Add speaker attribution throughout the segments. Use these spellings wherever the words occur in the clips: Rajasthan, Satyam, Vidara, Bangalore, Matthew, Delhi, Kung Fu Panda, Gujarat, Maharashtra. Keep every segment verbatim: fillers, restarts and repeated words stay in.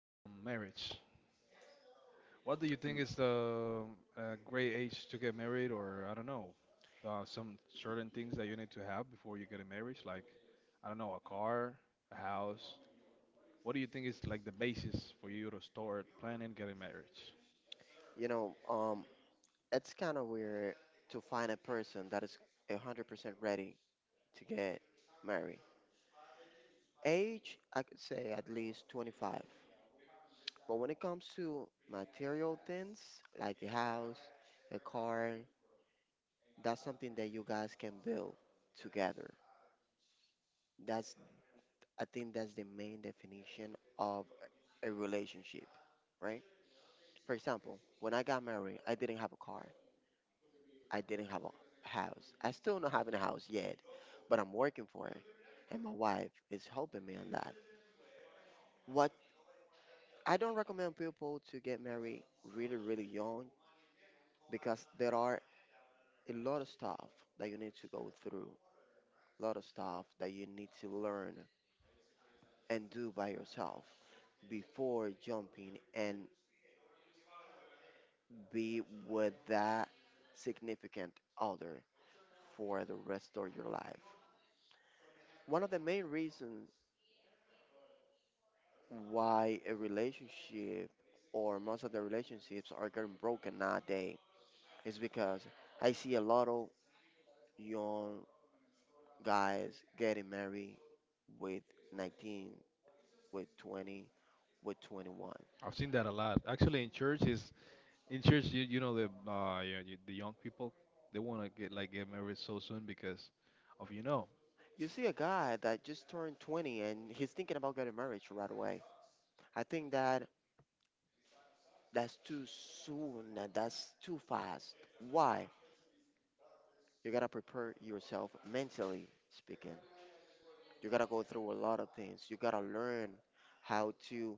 Speaker 1: um, marriage. What do you think
Speaker 2: Mm.
Speaker 1: is the uh, great age to get married, or I don't know, uh, some certain things that you need to have before you get a marriage, like I don't know, a car, a house. What do you think is like the basis for you to start planning getting marriage?
Speaker 2: You know, um, it's kind of weird to find a person that is one hundred percent ready to get married. Age, I could say at least twenty-five. But when it comes to material things like a house, a car, that's something that you guys can build together. That's, I think that's the main definition of a a relationship, right? For example, when I got married, I didn't have a car. I didn't have a house. I still not having a house yet, but I'm working for it, and my wife is helping me on that. What I don't recommend people to get married really really young because there are a lot of stuff that you need to go through, a lot of stuff that you need to learn and do by yourself before jumping and be with that significant other for the rest of your life. One of the main reasons why a relationship or most of the relationships are getting broken nowadays is because I see a lot of young guys getting married with nineteen, with twenty, with twenty-one.
Speaker 1: I've seen that a lot. Actually, in church is in church, you, you know the uh, you, you, the young people they want to get like get married so soon because of you know,
Speaker 2: You see a guy that just turned twenty and he's thinking about getting married right away. I think that that's too soon and that's too fast. Why? You gotta prepare yourself mentally speaking. You gotta go through a lot of things. You gotta learn how to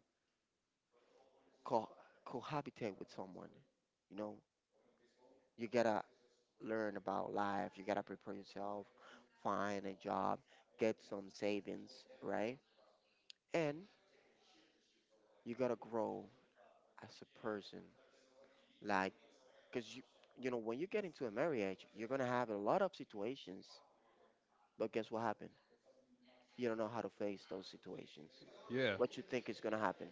Speaker 2: co- cohabitate with someone. You know, you gotta learn about life. You gotta prepare yourself, find a job, get some savings, right? And you gotta grow as a person. Like, cause you, you know, when you get into a marriage, you're gonna have a lot of situations. But guess what happened? You don't know how to face those situations.
Speaker 1: yeah,
Speaker 2: What you think is gonna happen?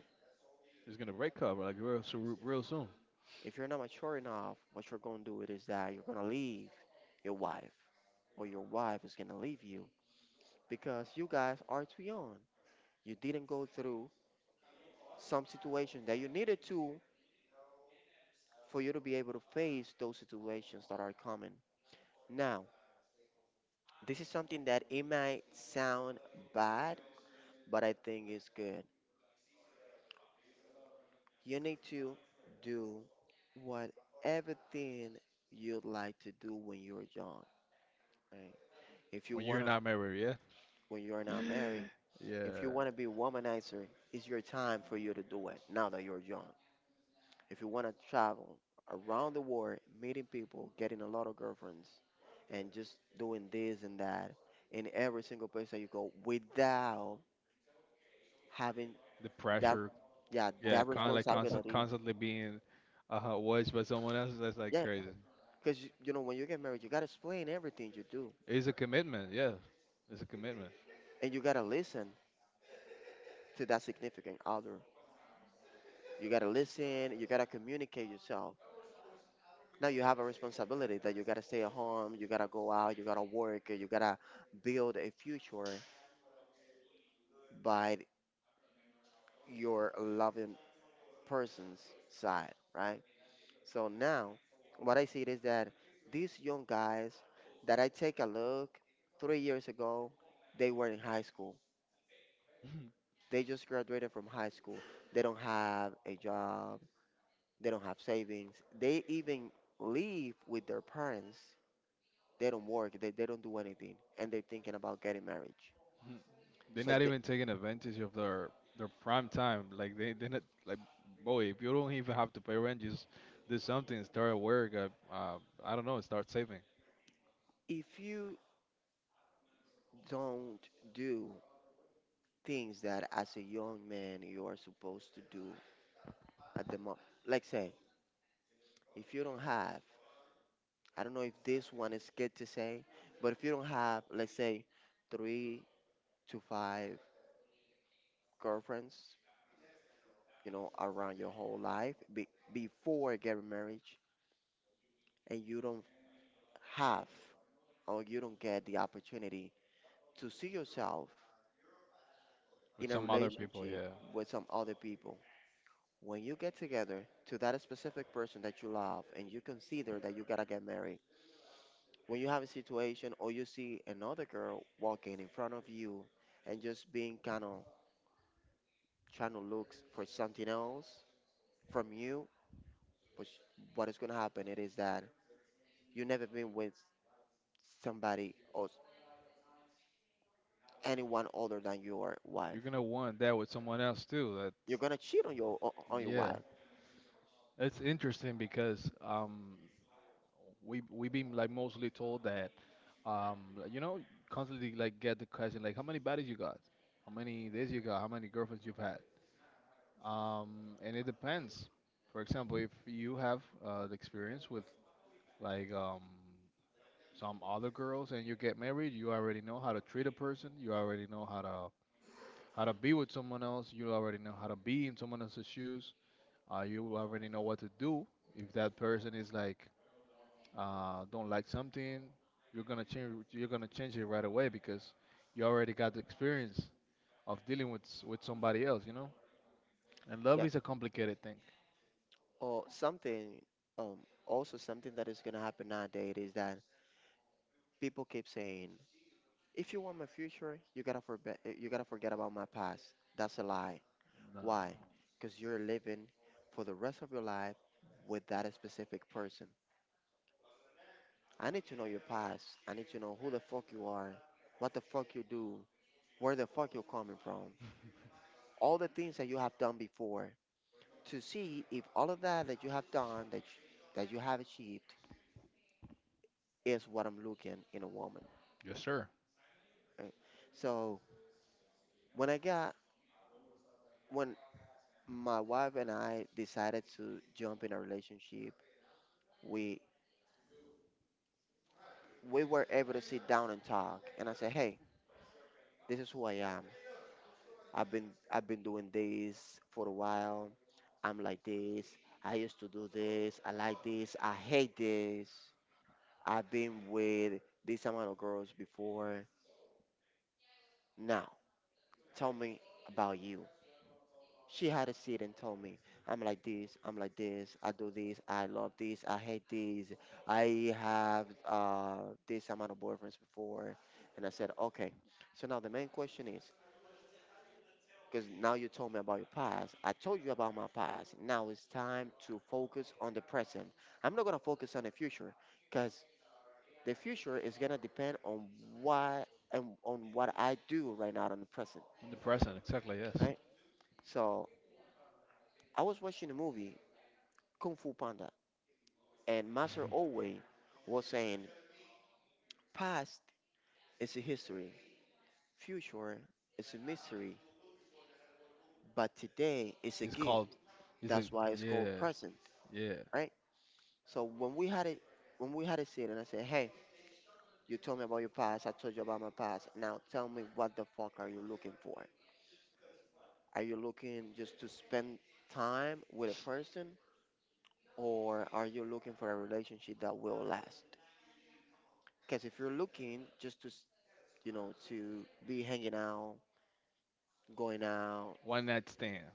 Speaker 1: it's gonna break up like real so, real soon.
Speaker 2: If you're not mature enough, what you're gonna do it is that you're gonna leave your wife, or your wife is gonna leave you because you guys are too young. You didn't go through some situation that you needed to for you to be able to face those situations that are coming. Now, this is something that it might sound bad, but I think it's good. You need to do what everything you'd like to do when you're young. Right? If you
Speaker 1: When you're
Speaker 2: wanna,
Speaker 1: not married, yeah.
Speaker 2: when you're not married. If you
Speaker 1: Yeah,
Speaker 2: want to be a womanizer, it's your time for you to do it now that you're young. If you want to travel around the world, meeting people, getting a lot of girlfriends, and just doing this and that in every single place that you go without having
Speaker 1: the
Speaker 2: that,
Speaker 1: pressure.
Speaker 2: yeah,
Speaker 1: Yeah,
Speaker 2: that
Speaker 1: con like constant,
Speaker 2: responsibility.
Speaker 1: constantly being uh, watched by someone else. That's like
Speaker 2: Yeah,
Speaker 1: crazy.
Speaker 2: because you, you know, when you get married, you got to explain everything you do
Speaker 1: It's a commitment. Yeah, it's a commitment.
Speaker 2: and you got to listen to that significant other. You got to listen, you got to communicate yourself. Now you have a responsibility that you gotta stay at home, you gotta go out, you gotta work, you gotta build a future by your loving person's side, right? So now, what I see is that these young guys that I take a look three years ago, they were in high school. They just graduated from high school. They don't have a job. They don't have savings. They even live with their parents. They don't work. They, they don't do anything. And they're thinking about getting married.
Speaker 1: They're
Speaker 2: So
Speaker 1: not
Speaker 2: the,
Speaker 1: even taking advantage of their their prime time. Like they they're not like boy. If you don't even have to pay rent, just do something. Start at work. Uh, uh, I don't know. Start saving
Speaker 2: if you don't do things that as a young man you are supposed to do at the moment, like say, if you don't have, I don't know if this one is good to say, but if you don't have, let's say, three to five girlfriends, you know, around your whole life be, before getting married, and you don't have or you don't get the opportunity to see yourself
Speaker 1: with
Speaker 2: in a
Speaker 1: some other Well, people.
Speaker 2: relationship
Speaker 1: Yeah,
Speaker 2: with some other people. When you get together to that specific person that you love and you consider that you gotta get married, when you have a situation or you see another girl walking in front of you and just being kind of trying to look for something else from you, but what is gonna happen it is that you never been with somebody or s- anyone other than your wife.
Speaker 1: you're gonna want that with someone else too. That's
Speaker 2: You're gonna cheat on your o- on your
Speaker 1: yeah.
Speaker 2: wife.
Speaker 1: It's interesting because um we we been like mostly told that um like, you know, constantly like get the question like how many bodies you got, how many days you got, how many girlfriends you've had, um and it depends. For example, if you have uh, the experience with like um some other girls and you get married, you already know how to treat a person, you already know how to how to be with someone else, you already know how to be in someone else's shoes, uh, you already know what to do if that person is like uh, don't like something, you're gonna change. You're gonna change it right away because you already got the experience of dealing with s- with somebody else. You know, and love
Speaker 2: Yeah.
Speaker 1: is a complicated thing.
Speaker 2: Or something. Um. Also, something that is gonna happen nowadays is that people keep saying, if you want my future, you gotta forget. You gotta forget about my past. That's a lie.
Speaker 1: No.
Speaker 2: Why? Because you're living for the rest of your life with that specific person. I need to know your past. I need to know who the fuck you are, what the fuck you do, where the fuck you're coming from, all the things that you have done before, to see if all of that that you have done, that you, that you have achieved, is what I'm looking in a woman.
Speaker 1: Yes, sir.
Speaker 2: Right? So when I got when My wife and I decided to jump in a relationship. We we were able to sit down and talk, and I said, "Hey, this is who I am. I've been I've been doing this for a while. I'm like this. I used to do this. I like this. I hate this. I've been with this amount of girls before. Now, tell me about you." She had a seat and told me, "I'm like this, I'm like this, I do this, I love this, I hate this, I have uh, this amount of boyfriends before." And I said, okay. So now the main question is, because now you told me about your past, I told you about my past. Now it's time to focus on the present. I'm not going to focus on the future because the future is going to depend on what and on what I do right now in the present,
Speaker 1: In the present, exactly. Yes.
Speaker 2: right? So I was watching a movie, Kung Fu Panda, and Master Owe was saying, past is a history, future is a mystery, but today is a
Speaker 1: It's
Speaker 2: gift.
Speaker 1: called. It's a
Speaker 2: That's why it's called
Speaker 1: yeah,
Speaker 2: present,
Speaker 1: yeah.
Speaker 2: right? So when we had it, when we had a sit and I said, "Hey, you told me about your past, I told you about my past. Now tell me what the fuck are you looking for? Are you looking just to spend time with a person or are you looking for a relationship that will last? Because if you're looking just to, s- you know, to be hanging out, going out,"
Speaker 1: One night stand.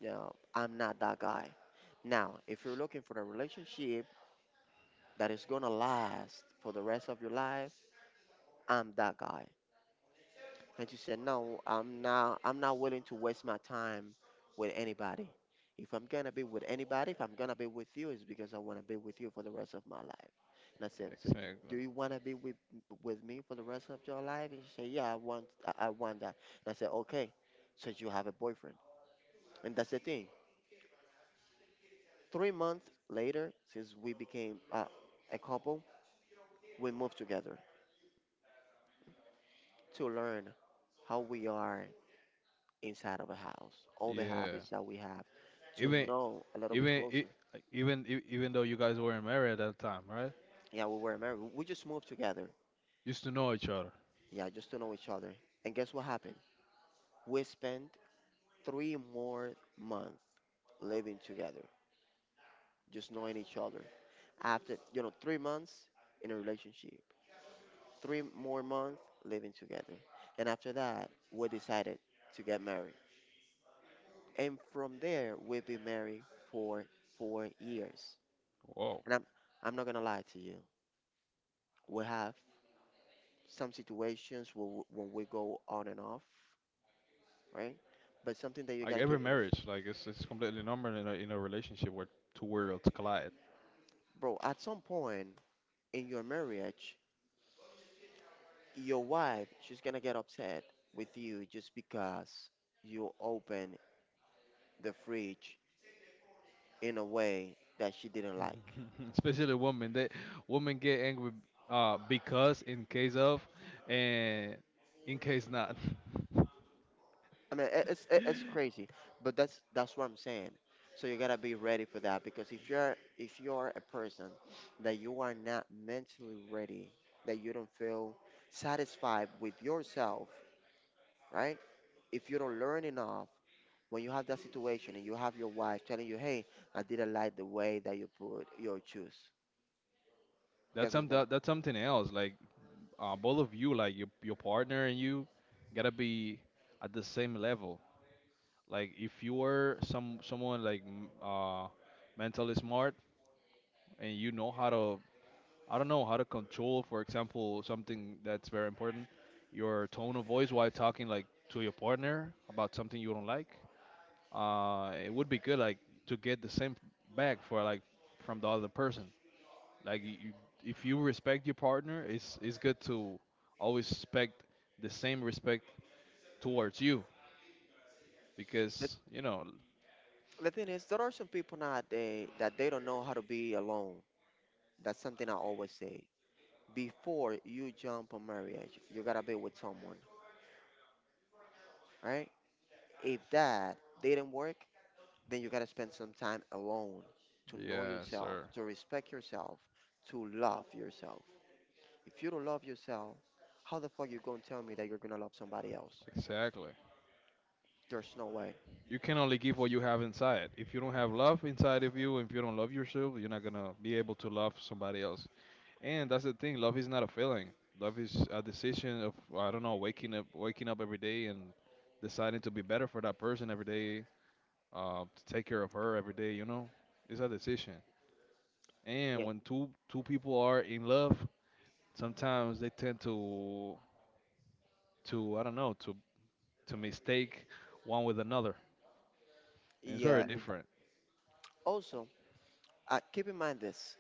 Speaker 2: yeah, I'm not that guy. "Now, if you're looking for a relationship that is gonna last for the rest of your life, I'm that guy." And you said, "No, I'm not. I'm not willing to waste my time with anybody. If I'm gonna be with anybody, if I'm gonna be with you, it's because I wanna be with you for the rest of my life." And I said, "So you,
Speaker 1: Exactly.
Speaker 2: do you wanna be with with me for the rest of your life?" And she said, "Yeah, I want. I, I want that." And I said, okay. So you have a boyfriend, and that's the thing. Three months later, since we became uh, a couple, we moved together to learn how we are inside of a house, all the
Speaker 1: Yeah.
Speaker 2: habits that we have, to
Speaker 1: Even
Speaker 2: know a little bit
Speaker 1: even
Speaker 2: closer.
Speaker 1: e- even e- even though you guys weren't married at that time, right?
Speaker 2: Yeah, we were married. We just moved together.
Speaker 1: Used to know each other.
Speaker 2: Yeah, just to know each other. And guess what happened? We spent three more months living together, just knowing each other. After, you know, three months in a relationship, three more months living together. And after that, we decided to get married, and from there we've been married for four years.
Speaker 1: Whoa.
Speaker 2: And I'm I'm not gonna lie to you. We have some situations where w- when we go on and off, right? But something that you
Speaker 1: Like
Speaker 2: gotta
Speaker 1: every
Speaker 2: keep, in-
Speaker 1: marriage, like it's it's completely normal in a, in a relationship where two worlds collide.
Speaker 2: bro. At some point in your marriage, your wife she's gonna get upset with you just because you open the fridge in a way that she didn't like.
Speaker 1: Especially women, they women get angry uh because in case of and in case not.
Speaker 2: I mean, it- it's it- it's crazy, but that's that's what I'm saying. So you gotta be ready for that because if you're if you're a person that you are not mentally ready, that you don't feel satisfied with yourself, right? If you don't learn enough, when you have that situation and you have your wife telling you, "Hey, I didn't like the way that you put your shoes,"
Speaker 1: That's
Speaker 2: guess what's
Speaker 1: some
Speaker 2: gonna?
Speaker 1: that, that's something else. Like uh, both of you, like your your partner and you, gotta be at the same level. Like if you are some someone like m- uh mentally smart, and you know how to I don't know how to control, for example, something that's very important, your tone of voice while talking like to your partner about something you don't like. Uh, it would be good like to get the same back for like from the other person. Like you, you- if you respect your partner, it's it's good to always expect the same respect towards you,
Speaker 2: The,
Speaker 1: because you know.
Speaker 2: the thing is, there are some people nowadays that they don't know how to be alone. That's something I always say. Before you jump on marriage, you gotta be with someone, right? If that didn't work, then you gotta spend some time alone to know
Speaker 1: Yeah,
Speaker 2: yourself,
Speaker 1: sir.
Speaker 2: to respect yourself, to love yourself. If you don't love yourself, how the fuck you gonna tell me that you're gonna love somebody else?
Speaker 1: Exactly.
Speaker 2: There's no way.
Speaker 1: You can only give what you have inside. If you don't have love inside of you, if you don't love yourself, you're not gonna be able to love somebody else. And that's the thing. Love is not a feeling. Love is a decision of I don't know, waking up, waking up every day and deciding to be better for that person every day, uh, to take care of her every day. You know, it's a decision. And
Speaker 2: Yeah.
Speaker 1: when two two people are in love, sometimes they tend to to I don't know to to mistake one with another, and it's very
Speaker 2: Yeah.
Speaker 1: Mm. different.
Speaker 2: Also, uh, keep in mind this.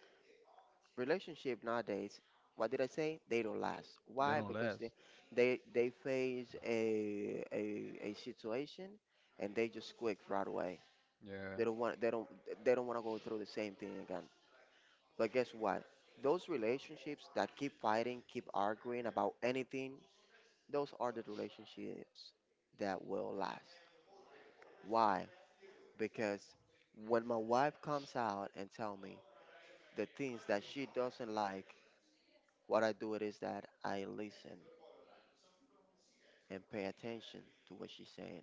Speaker 2: Relationship nowadays, what did I say? They don't last.
Speaker 1: They
Speaker 2: Why?
Speaker 1: don't
Speaker 2: Because they
Speaker 1: last.
Speaker 2: they, they face a, a a situation and they just quit right away.
Speaker 1: Yeah.
Speaker 2: they don't want they don't they don't want to go through the same thing again. But guess what? Those relationships that keep fighting, keep arguing about anything, those are the relationships that will last. Why? Because when my wife comes out and tell me the things that she doesn't like, what I do it is that I listen and pay attention to what she's saying.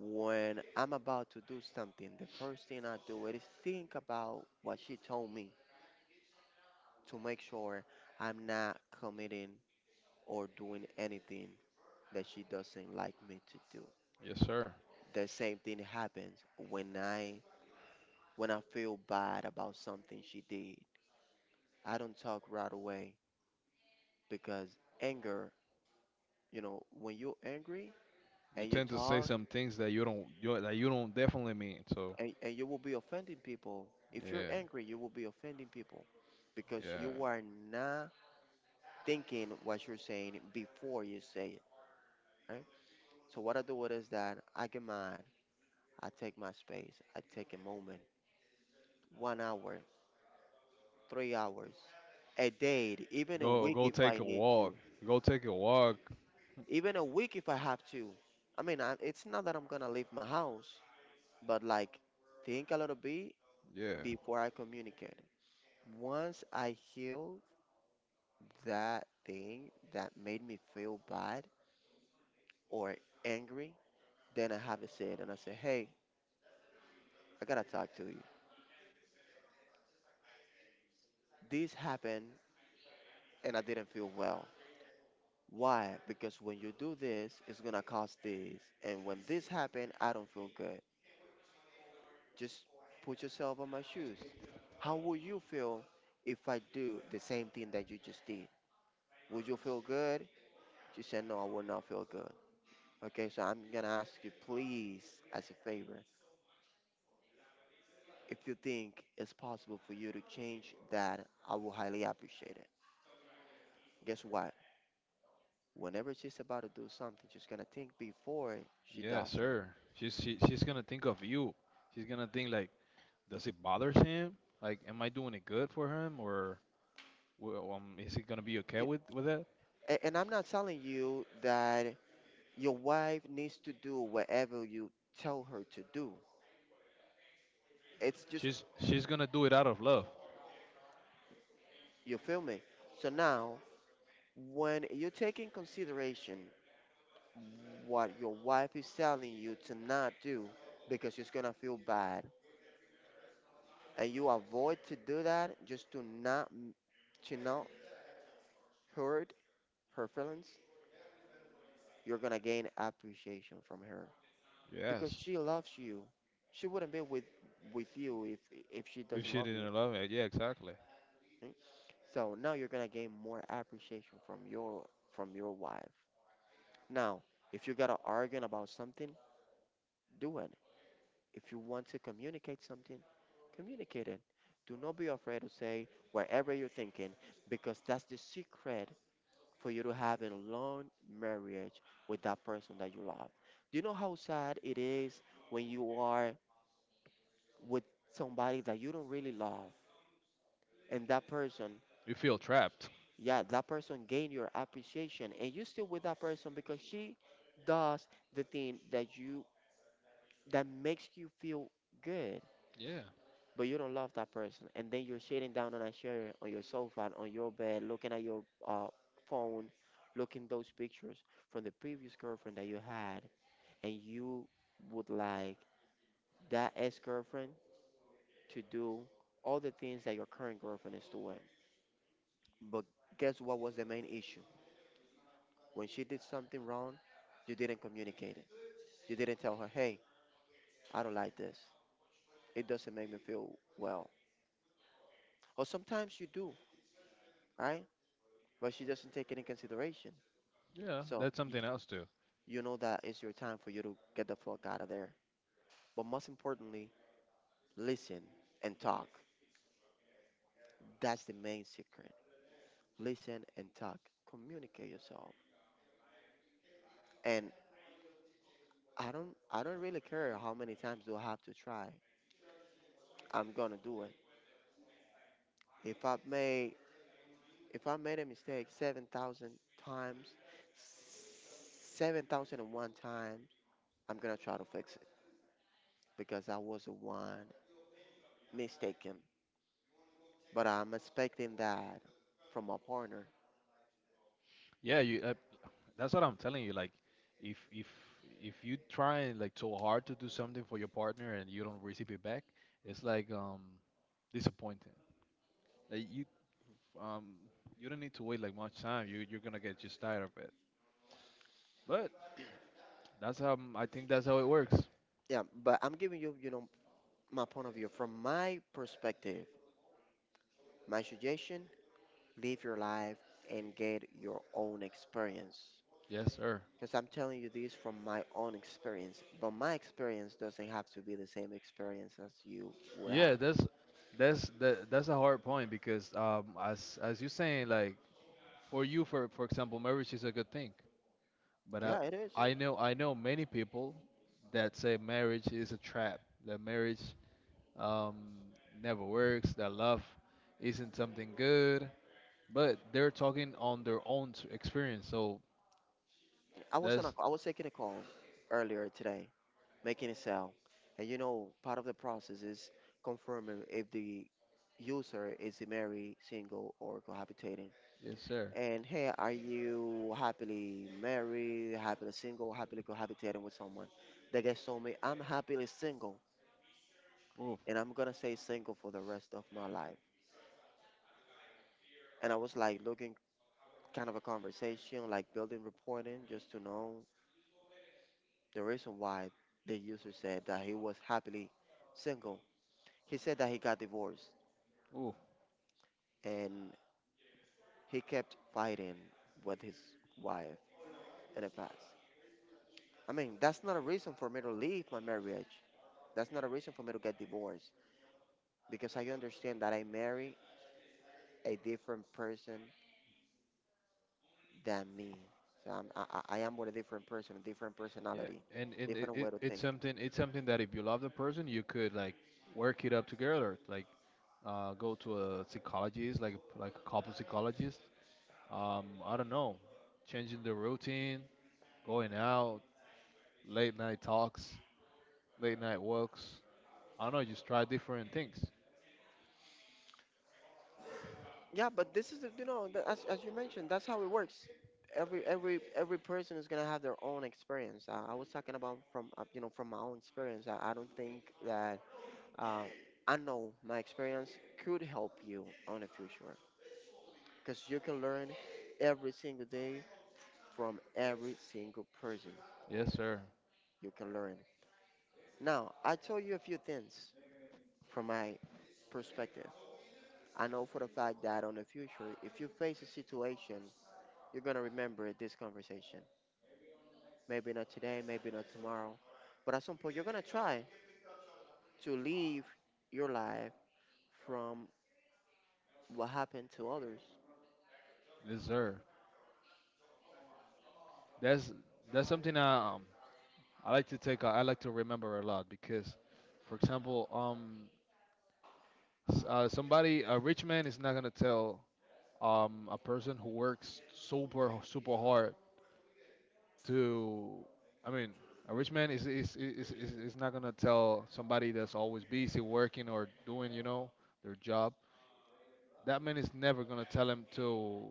Speaker 2: When I'm about to do something, the first thing I do is think about what she told me, to make sure I'm not committing or doing anything that she doesn't like me to do.
Speaker 1: Yes, sir.
Speaker 2: The same thing happens when I when I feel bad about something she did. I don't talk right away because anger, you know, when you're angry
Speaker 1: You
Speaker 2: and you
Speaker 1: tend to say
Speaker 2: talk
Speaker 1: some things that you don't you, that you don't definitely mean. So
Speaker 2: and, and you will be offending people. If you're
Speaker 1: yeah,
Speaker 2: angry, you will be offending people because
Speaker 1: yeah.
Speaker 2: you are not thinking what you're saying before you say it, right? So what I do it is that I get mad, I take my space, I take a moment, one hour, three hours, a day, even a
Speaker 1: Go
Speaker 2: week
Speaker 1: go
Speaker 2: if
Speaker 1: take
Speaker 2: I
Speaker 1: a
Speaker 2: need to,
Speaker 1: walk. Go take a walk.
Speaker 2: even a week if I have to. I mean, I, it's not that I'm gonna leave my house, but like think a little bit
Speaker 1: Yeah,
Speaker 2: before I communicate. Once I heal that thing that made me feel bad or angry, then I have to say it said, and I say, hey, I gotta talk to you. This happened and I didn't feel well. Why? Because when you do this, it's gonna cause this. And when this happened, I don't feel good. Just put yourself on my shoes. How would you feel if I do the same thing that you just did? Would you feel good? She said, no, I will not feel good. Okay, so I'm gonna ask you, please, as a favor, if you think it's possible for you to change that, I will highly appreciate it. Guess what? Whenever she's about to do something, she's gonna think before she
Speaker 1: yeah,
Speaker 2: does it.
Speaker 1: sir. She's she, she's gonna think of you. She's gonna think like, does it bothers him? Like, am I doing it good for him, or w- um, is he gonna be okay
Speaker 2: Yeah,
Speaker 1: with with that?
Speaker 2: a- and I'm not telling you that your wife needs to do whatever you tell her to do. It's just,
Speaker 1: She's she's gonna do it out of love.
Speaker 2: you feel me? So now, when you take in consideration what your wife is telling you to not do, because she's gonna feel bad, and you avoid to do that, just to not m- to not hurt her feelings, you're gonna gain appreciation from her because
Speaker 1: Yes.
Speaker 2: she loves you. She wouldn't be with with you if if she
Speaker 1: If
Speaker 2: doesn't
Speaker 1: she
Speaker 2: love you.
Speaker 1: didn't love it, yeah, exactly.
Speaker 2: Mm? So now you're gonna gain more appreciation from your from your wife. Now, if you got to argue about something, do it. If you want to communicate something, communicate it. Do not be afraid to say whatever you're thinking, because that's the secret for you to have a long marriage with that person that you love. Do you know how sad it is when you are with somebody that you don't really love, and that person,
Speaker 1: You feel trapped.
Speaker 2: yeah, that person gain your appreciation and you still with that person because she does the thing that you that makes you feel good,
Speaker 1: Yeah,
Speaker 2: but you don't love that person, and then you're sitting down on a chair, on your sofa, on your bed, looking at your uh, phone, looking those pictures from the previous girlfriend that you had, and you would like that ex-girlfriend to do all the things that your current girlfriend is doing. But guess what was the main issue? When she did something wrong, you didn't communicate it. You didn't tell her, hey, I don't like this. It doesn't make me feel well. Or sometimes you do, right? But she doesn't take it in consideration.
Speaker 1: yeah.
Speaker 2: So
Speaker 1: That's
Speaker 2: y-
Speaker 1: something else too.
Speaker 2: you know that it's your time for you to get the fuck out of there. But most importantly, listen and talk. That's the main secret. Listen and talk. Communicate yourself. And I don't I don't really care how many times do I have to try. I'm gonna do it. If I've made if I made a mistake seven thousand times, seven thousand and one times, I'm gonna try to fix it because I was the one mistaken. But I'm expecting that from my partner.
Speaker 1: Yeah, you. I, That's what I'm telling you. Like, if if if you try and like so hard to do something for your partner and you don't receive it back, it's like um disappointing. Like you um you don't need to wait like much time. You you're gonna get just tired of it. But that's how I think that's how it works.
Speaker 2: Yeah, but I'm giving you, you know, my point of view from my perspective. My suggestion: live your life and get your own experience.
Speaker 1: Yes, sir.
Speaker 2: Because I'm telling you this from my own experience, but my experience doesn't have to be the same experience as you would
Speaker 1: Yeah,
Speaker 2: have.
Speaker 1: that's that's that, that's a hard point because um as as you saying like for you for for example marriage is a good thing. But I,
Speaker 2: Yeah, it is.
Speaker 1: I know I know many people that say marriage is a trap, that marriage um, never works, that love isn't something good. But they're talking on their own s- experience, so
Speaker 2: I was on a,
Speaker 1: that's
Speaker 2: I was taking a call earlier today, making a sale, and you know, part of the process is confirming if the user is married, single, or cohabitating.
Speaker 1: yes, sir.
Speaker 2: And hey, are you happily married, happily single, happily cohabitating with someone? The guy told me, I'm happily single,
Speaker 1: Oof,
Speaker 2: and I'm gonna stay single for the rest of my life. And I was like looking kind of a conversation, like building reporting, just to know the reason why the user said that he was happily single. He said that he got divorced
Speaker 1: oof.
Speaker 2: and he kept fighting with his wife in the past. I mean, that's not a reason for me to leave my marriage. That's not a reason for me to get divorced, because I understand that I marry a different person than me. So I'm, I, I I am with a different person, a different
Speaker 1: Yeah,
Speaker 2: personality,
Speaker 1: and and it,
Speaker 2: different
Speaker 1: it,
Speaker 2: way to
Speaker 1: it's
Speaker 2: think.
Speaker 1: something it's something that if you love the person, you could like work it up together, like uh, go to a psychologist, like like a couple psychologist. Um, I don't know, changing the routine, going out, late night talks, late night walks. I don't know, just try different things.
Speaker 2: Yeah, but this is the, you know the, as as you mentioned, that's how it works. Every every every person is gonna have their own experience. Uh, I was talking about from uh, you know, from my own experience. I, I don't think that uh, I know my experience could help you on the future, because you can learn every single day from every single person.
Speaker 1: Yes, sir.
Speaker 2: You can learn. Now I told you a few things from my perspective. I know for the fact that on the future, if you face a situation, you're gonna remember this conversation. Maybe not today, maybe not tomorrow. But at some point, you're going to try to live your life from what happened to others.
Speaker 1: Yes, sir. That's that's something I um, I like to take. I like to remember a lot because, for example, um, s- uh, somebody a rich man is not gonna tell um, a person who works super super hard to I mean a rich man is is is, is, is not going to tell somebody that's always busy working or doing you know their job. That man is never going to tell him to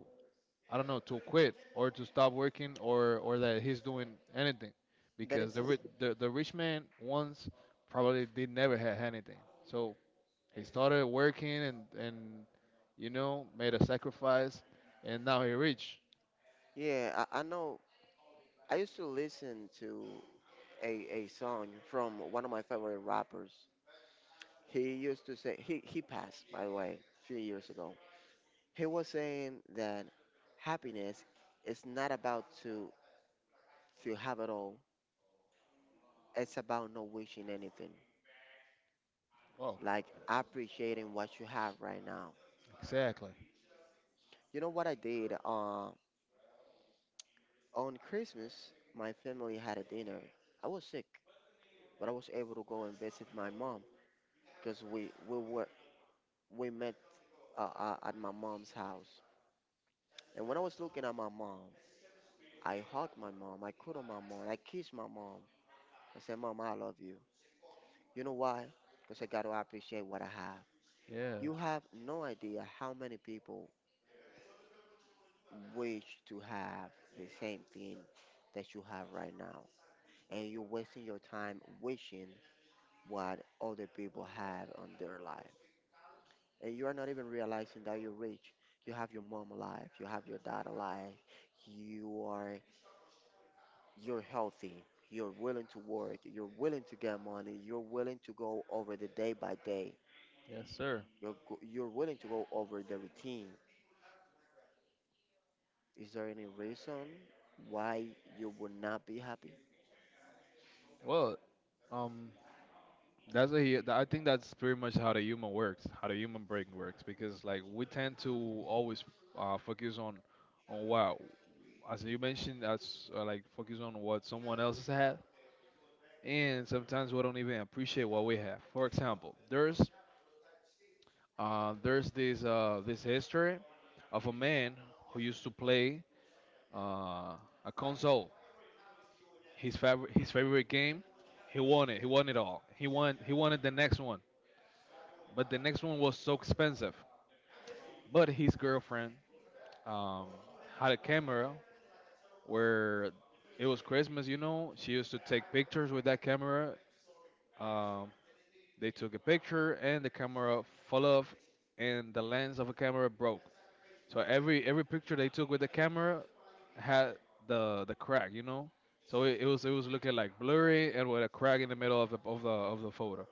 Speaker 1: I don't know to quit or to stop working or or that he's doing anything,
Speaker 2: That
Speaker 1: because
Speaker 2: is,
Speaker 1: the
Speaker 2: just,
Speaker 1: ri- the, the rich man once probably did never had anything. So he started working and and you know made a sacrifice and now he rich.
Speaker 2: yeah, I, I know. I used to listen to a, a song from one of my favorite rappers. He used to say, he, he passed, by the way, a few years ago. He was saying that happiness is not about to, to have it all, it's about not wishing anything,
Speaker 1: Well,
Speaker 2: like appreciating what you have right now.
Speaker 1: exactly.
Speaker 2: You know what I did? Uh, on Christmas, my family had a dinner. I was sick, but I was able to go and visit my mom because we we were we met uh, uh, at my mom's house. And when I was looking at my mom, I hugged my mom, I cuddled my mom, I kissed my mom. I said, "Mom, I love you." You know why? Because I got to appreciate what I have.
Speaker 1: Yeah,
Speaker 2: You have no idea how many people wish to have the same thing that you have right now, and you're wasting your time wishing what other people have on their life. And you are not even realizing that you're rich. You have your mom alive, you have your dad alive, you are you're healthy, you're willing to work, you're willing to get money, you're willing to go over the day by day.
Speaker 1: yes sir.
Speaker 2: You're go- you're willing to go over the routine. Is there any reason why you would not be happy?
Speaker 1: Well, Um, that's a, hu- I think that's pretty much how the human works, how the human brain works, because like we tend to always uh, focus on on what, as you mentioned, as uh, like focus on what someone else has had, and sometimes we don't even appreciate what we have. For example, there's uh, there's this uh, this history of a man who used to play uh, a console, his favorite his favorite game. He won it. He won it all. He won he wanted the next one. But the next one was so expensive. But his girlfriend um, had a camera where it was Christmas, you know. She used to take pictures with that camera. Um, they took a picture and the camera fell off and the lens of a camera broke. So every every picture they took with the camera had the the crack, you know. So it, it was it was looking like blurry and with a crack in the middle of the of the of the photo.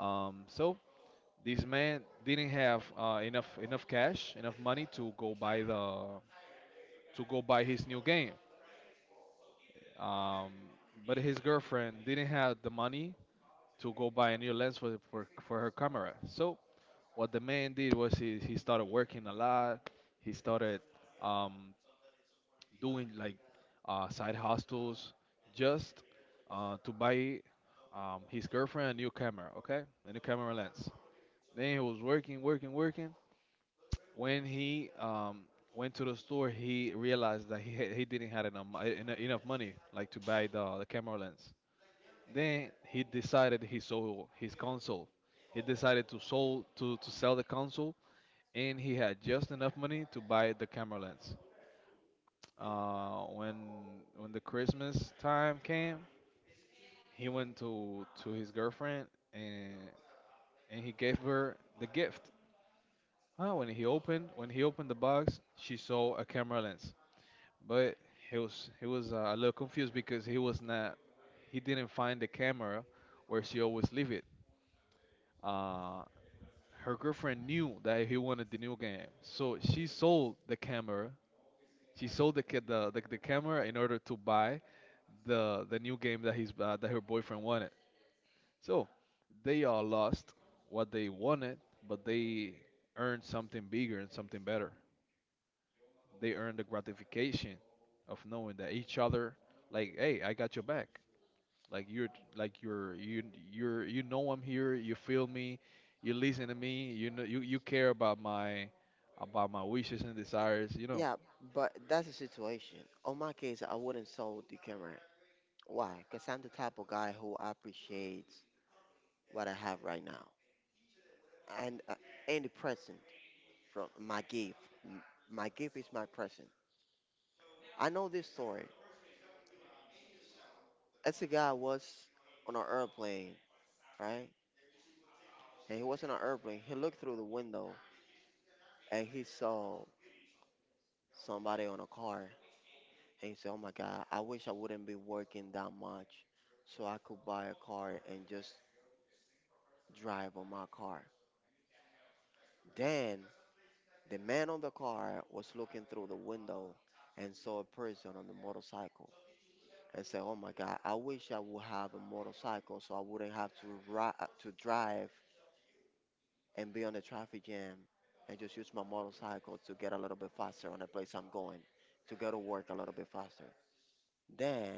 Speaker 1: Um, so this man didn't have uh, enough enough cash, enough money to go buy the to go buy his new game. Um, but his girlfriend didn't have the money to go buy a new lens for, for for her camera. So what the man did was he, he started working a lot. He started um, doing like uh, side hustles just uh, to buy um, his girlfriend a new camera, okay, a new camera lens. Then he was working, working, working. When he um, went to the store, he realized that he had, he didn't have enough mo- en- enough money like to buy the, the camera lens. Then he decided he sold his console. He decided to sold to, to sell the console, and he had just enough money to buy the camera lens. Uh, when when the Christmas time came, he went to to his girlfriend and and he gave her the gift. Huh, when he opened when he opened the box, she saw a camera lens, but he was he was uh, a little confused because he was not he didn't find the camera where she always leave it. Uh, her girlfriend knew that he wanted the new game, so she sold the camera. She sold the ca- the, the, the camera in order to buy the the new game that he's uh, that her boyfriend wanted. So they all lost what they wanted, but they earned something bigger and something better. They earn the gratification of knowing that each other, like, hey, I got your back. Like you're like you're you you're you know I'm here, you feel me, you listen to me, you know, you, you care about my about my wishes and desires, you know
Speaker 2: Yeah, but that's the situation. On my case, I wouldn't sell the camera. Why? Because I'm the type of guy who appreciates what I have right now, and uh, any present from my gift. M- My gift is my present. I know this story. As a guy was on an airplane, right? And he was in an airplane. He looked through the window and he saw somebody on a car. And he said, "Oh my God, I wish I wouldn't be working that much, so I could buy a car and just drive on my car." Then the man on the car was looking through the window and saw a person on the motorcycle. And say, "Oh my God, I wish I would have a motorcycle so I wouldn't have to ri- uh, to drive and be on the traffic jam, and just use my motorcycle to get a little bit faster on the place I'm going, to go to work a little bit faster." Then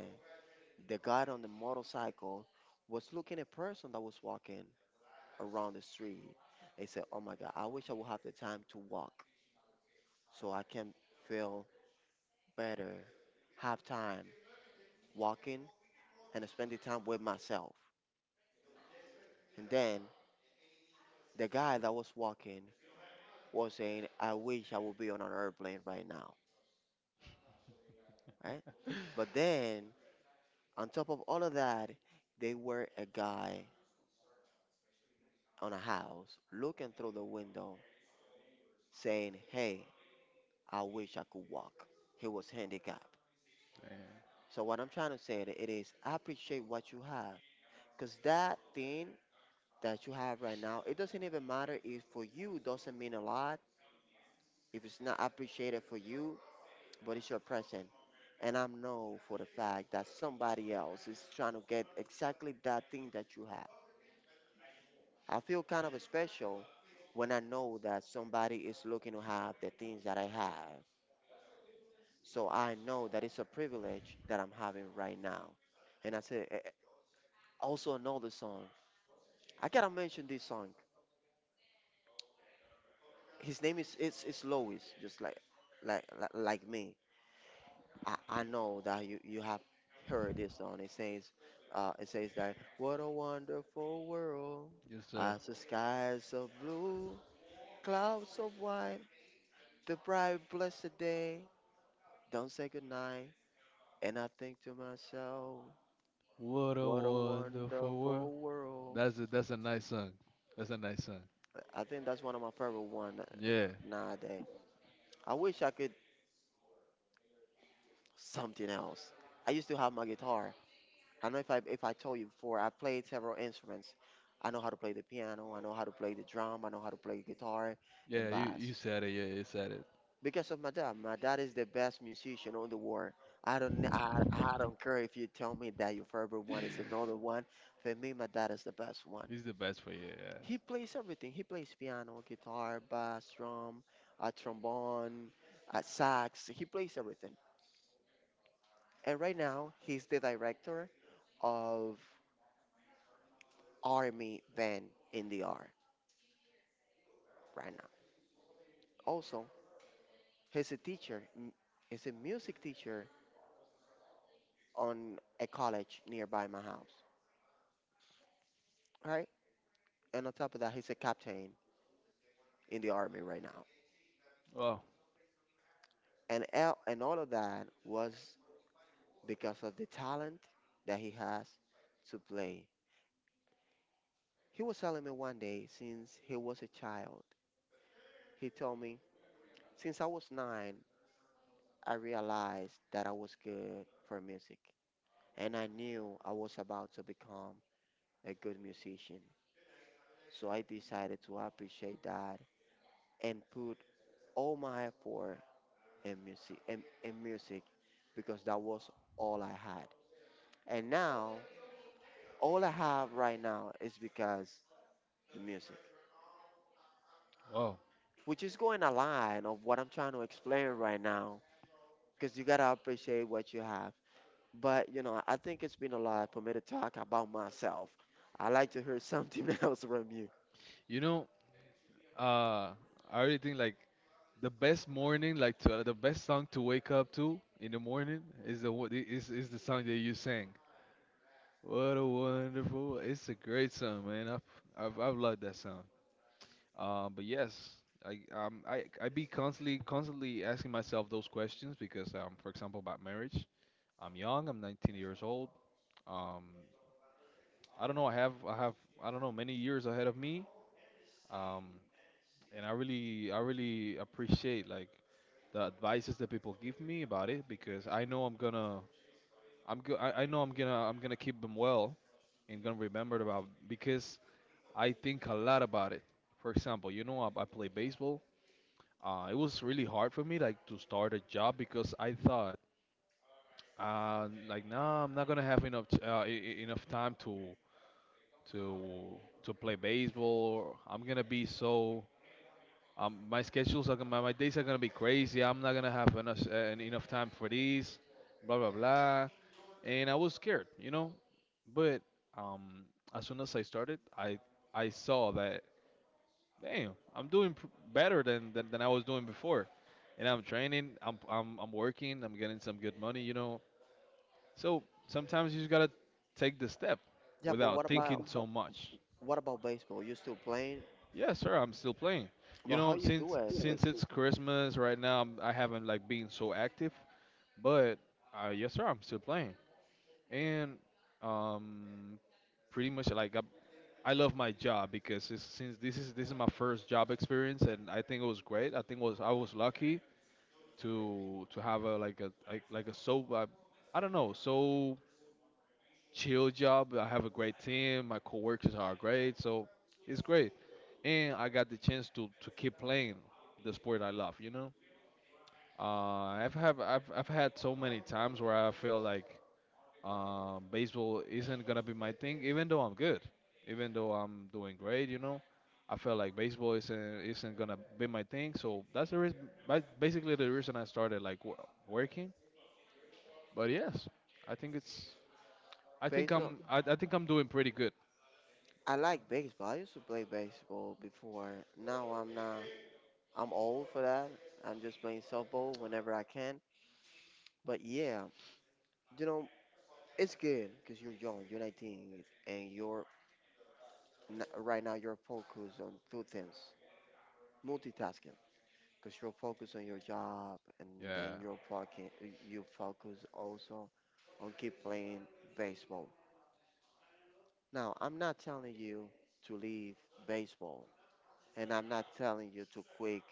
Speaker 2: the guy on the motorcycle was looking at person that was walking around the street. They said, "Oh my God, I wish I would have the time to walk so I can feel better, have time walking, and spending time with myself." And then the guy that was walking was saying, I wish I would be on an airplane right now, right? But then, on top of all of that, they were a guy on a house looking through the window saying, "Hey, I wish I could walk." He was handicapped. So what I'm trying to say that it is appreciate what you have, because that thing that you have right now, it doesn't even matter if for you doesn't mean a lot. If it's not appreciated for you, but it's your present, and I know for the fact that somebody else is trying to get exactly that thing that you have. I feel kind of special when I know that somebody is looking to have the things that I have. So I know that it's a privilege that I'm having right now. And I say eh, eh, also another song. I gotta mention this song. His name is it's it's Lois, just like like like like me. I, I know that you, you have heard this song. It says, uh, it says that what a wonderful world,
Speaker 1: yes sir.
Speaker 2: as the skies of blue, clouds of white, the bright blessed day. Don't say goodnight. And I think to myself,
Speaker 1: What a
Speaker 2: what a
Speaker 1: wonderful world.
Speaker 2: wonderful world.
Speaker 1: That's a that's a nice song. That's a nice song.
Speaker 2: I think that's one of my favorite one uh,
Speaker 1: Yeah,
Speaker 2: nowadays. I wish I could something else. I used to have my guitar. I don't know if I if I told you before, I played several instruments. I know how to play the piano, I know how to play the drum, I know how to play guitar and
Speaker 1: yeah you you
Speaker 2: bass.
Speaker 1: said it. Yeah, you said it.
Speaker 2: Because of my dad. My dad is the best musician on the world. I don't kn- I, I don't care if you tell me that your favorite one is another one. For me, my dad is the best one.
Speaker 1: He's the best for you, yes.
Speaker 2: He plays everything. He plays piano, guitar, bass, drum, a trombone, a sax. He plays everything. And right now, he's the director of Army Band in the R, right. Also, he's a teacher, m- he's a music teacher on a college nearby my house. All right? And on top of that, he's a captain in the army right now.
Speaker 1: Wow.
Speaker 2: And el- and all of that was because of the talent that he has to play. He was telling me one day, since he was a child, he told me, since I was nine, I realized that I was good for music. And I knew I was about to become a good musician. So I decided to appreciate that and put all my effort in music in, in music, because that was all I had. And now all I have right now is because the music.
Speaker 1: Wow.
Speaker 2: Which is going a line of what I'm trying to explain right now. Because you gotta appreciate what you have. But you know, I think it's been a lot for me to talk about myself. I like to hear something else from you.
Speaker 1: you know uh I really think, like, the best morning, like to, uh, the best song to wake up to in the morning is the one- is is the song that you sang. What a wonderful! It's a great song, man. I've I've, I've loved that song. Um, but yes, I um I I be constantly constantly asking myself those questions because um for example about marriage, I'm young, I'm nineteen years old. Um, I don't know, I have I have I don't know, many years ahead of me. Um, and I really I really appreciate, like, the advices that people give me about it because I know I'm gonna I'm go- I, I know I'm gonna I'm gonna keep them well and gonna remember about because I think a lot about it. For example, you know, I, I play baseball. Uh, it was really hard for me, like, to start a job because I thought, uh, like, nah, I'm not gonna have enough t- uh, e- e- enough time to to to play baseball. I'm gonna be so Um, my schedules are gonna, my, my days are gonna be crazy. I'm not gonna have enough uh, en- enough time for these, blah blah blah. And I was scared, you know. But um, as soon as I started, I I saw that, damn, I'm doing pr- better than, than than I was doing before. And I'm training, I'm I'm I'm working, I'm getting some good money, you know. So sometimes you just gotta take the step
Speaker 2: Yeah, but what
Speaker 1: without
Speaker 2: about
Speaker 1: thinking so much.
Speaker 2: what about baseball? You still playing?
Speaker 1: Yeah, sir, I'm still playing. You
Speaker 2: But how
Speaker 1: know,
Speaker 2: you do
Speaker 1: since
Speaker 2: it? Because
Speaker 1: since it's Christmas right now, I'm- I haven't, like, been so active, but uh, yes, sir, I'm still playing. And um, pretty much, like I, I love my job because it's, since this is this is my first job experience, and I think it was great. I think it was I was lucky to to have a like a like, like a so uh, I don't know, so chill job. I have a great team. My coworkers are great, so it's great. And I got the chance to, to keep playing the sport I love. You know, uh, I've have I've I've had so many times where I feel like, uh, baseball isn't gonna be my thing, even though I'm good, even though I'm doing great. You know, I felt like baseball isn't isn't gonna be my thing. So that's the reason, basically the reason I started like w- working. But yes, I think it's I think I'm I, I think I'm doing pretty good.
Speaker 2: I like baseball. I used to play baseball before. Now I'm not. I'm old for that. I'm just playing softball whenever I can. But yeah, you know, it's good because you're young. You're nineteen, and you're n- right now. You're focused on two things: multitasking, because you're focused on your job, and
Speaker 1: Yeah,
Speaker 2: then you're fucking. You focus also on keep playing baseball. Now I'm not telling you to leave baseball, and I'm not telling you to quit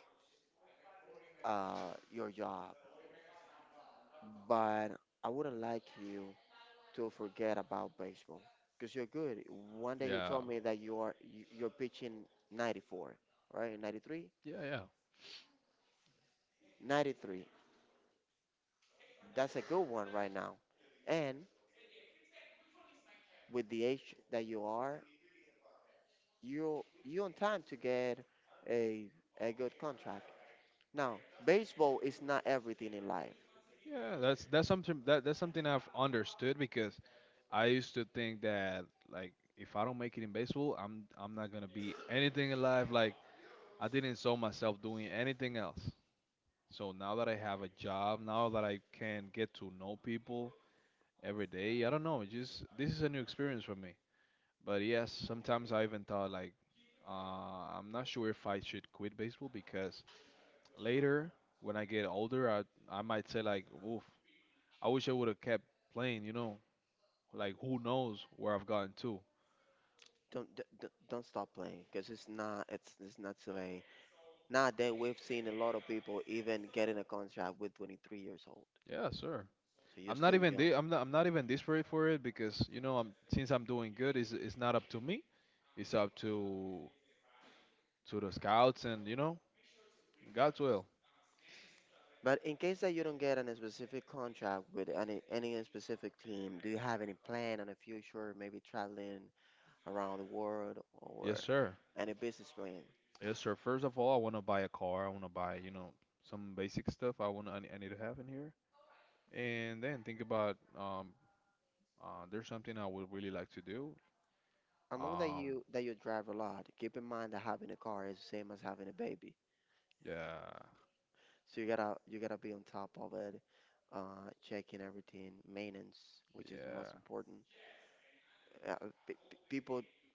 Speaker 2: uh, your job, but I wouldn't like you to forget about baseball because you're good. One day you
Speaker 1: yeah,
Speaker 2: told me that you are you- you're pitching ninety-four, right? ninety-three,
Speaker 1: yeah, yeah,
Speaker 2: ninety-three. That's a good one right now. And with the age that you are, you you on time to get a a good contract. Now, baseball is not everything in life.
Speaker 1: yeah. That's that's something that that's something I've understood because I used to think that, like, if I don't make it in baseball, I'm I'm not gonna be anything in life. Like, I didn't saw myself doing anything else. So now that I have a job, now that I can get to know people every day, I don't know. It's just this is a new experience for me. But yes, sometimes I even thought like, uh, I'm not sure if I should quit baseball because later, when I get older, I I might say like, "Oof, I wish I would have kept playing." You know, like, who knows where I've gotten to?
Speaker 2: Don't don't, don't don't stop playing because it's not it's it's not so. Nowadays, we've seen a lot of people even getting a contract with twenty-three years old.
Speaker 1: Yeah, sure.
Speaker 2: So you're
Speaker 1: I'm not
Speaker 2: still
Speaker 1: even
Speaker 2: young.
Speaker 1: di- I'm not I'm not even desperate for it because, you know, I'm since I'm doing good, it's it's not up to me. It's up to to the scouts and, you know, God's will.
Speaker 2: But in case that you don't get any specific contract with any any specific team, do you have any plan on the future, maybe traveling around the world or
Speaker 1: Yes, sir.
Speaker 2: any business plan?
Speaker 1: Yes, sir. First of all, I want to buy a car. I want to buy, you know, some basic stuff. I want I, I need to have in here, and then think about um uh, there's something I would really like to do.
Speaker 2: I know that
Speaker 1: Um,
Speaker 2: you that you drive a lot. Keep in mind that having a car is the same as having a baby.
Speaker 1: Yeah,
Speaker 2: So you gotta you gotta be on top of it, uh, checking everything, maintenance, which is
Speaker 1: yeah.
Speaker 2: most important. Uh, p- p- People uh,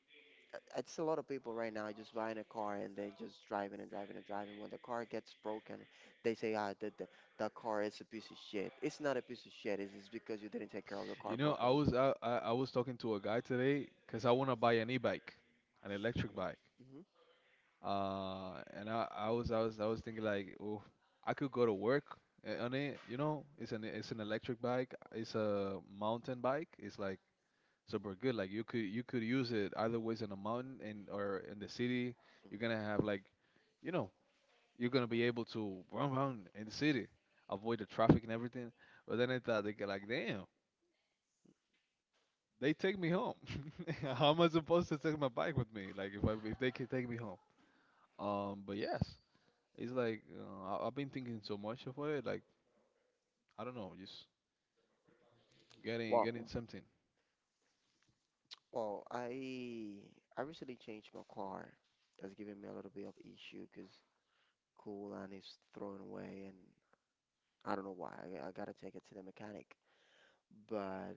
Speaker 2: it's a lot of people right now just buying a car and then just driving and driving and driving. When the car gets broken, they say, ah, the, the, the car is a piece of shit. It's not a piece of shit. It's just because you didn't take care of the
Speaker 1: You
Speaker 2: car
Speaker 1: know, I
Speaker 2: properly.
Speaker 1: was I, I I was talking to a guy today because I want to buy an e-bike, an electric bike.
Speaker 2: Hmm.
Speaker 1: Uh, and I, I was I was I was thinking like, oh, I could go to work a- on it. You know, it's an it's an electric bike. It's a mountain bike. It's like super good. Like, you could you could use it either ways in a mountain in or in the city. You're gonna have like, you know, you're gonna be able to run around in the city, avoid the traffic and everything. But then I thought they get like, damn, they take me home. How am I supposed to take my bike with me? Like, if I, if they can take me home. Um, but yes, it's like uh, I, I've been thinking so much of it. Like, I don't know, just getting
Speaker 2: Well,
Speaker 1: getting something.
Speaker 2: well, I I recently changed my car. That's giving me a little bit of issue because coolant is thrown away, and I don't know why. I, I gotta take it to the mechanic. But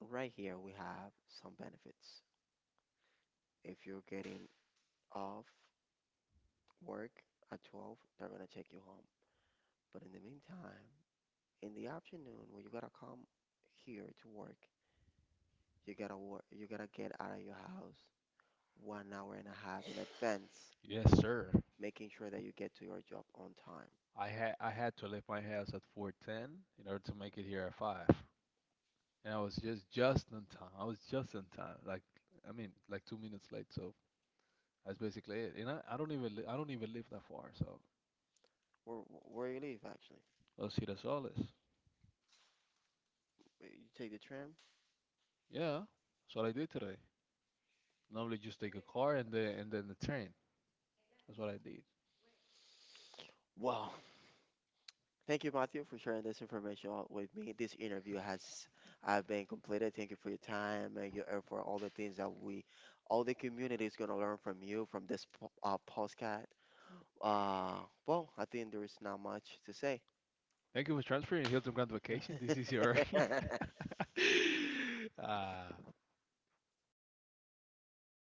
Speaker 2: right here we have some benefits. If you're getting off work at twelve, they're gonna take you home. But in the meantime, in the afternoon, when you gotta come here to work, you gotta work, you gotta get out of your house one hour and a half in advance,
Speaker 1: Yes, sir.
Speaker 2: making sure that you get to your job on time.
Speaker 1: I had I had to leave my house at four ten in order to make it here at five. And I was just just on time. I was just on time. Like, I mean, like two minutes late, so that's basically it. And I, I don't even li- I don't even live that far, so
Speaker 2: Or wh- where you live, actually.
Speaker 1: Los Girasoles.
Speaker 2: Uh, You take the tram.
Speaker 1: Yeah. That's what I did today. Normally, just take a car and then and then the train. That's what I did.
Speaker 2: Wow. Thank you, Matthew, for sharing this information out with me. This interview has uh, been completed. Thank you for your time and your effort, all the things that we, all the community is gonna learn from you from this po- uh, podcast. Uh, well, I think there is not much to say.
Speaker 1: Thank you for transferring Hilton Grand Vacation. This is your. Ah,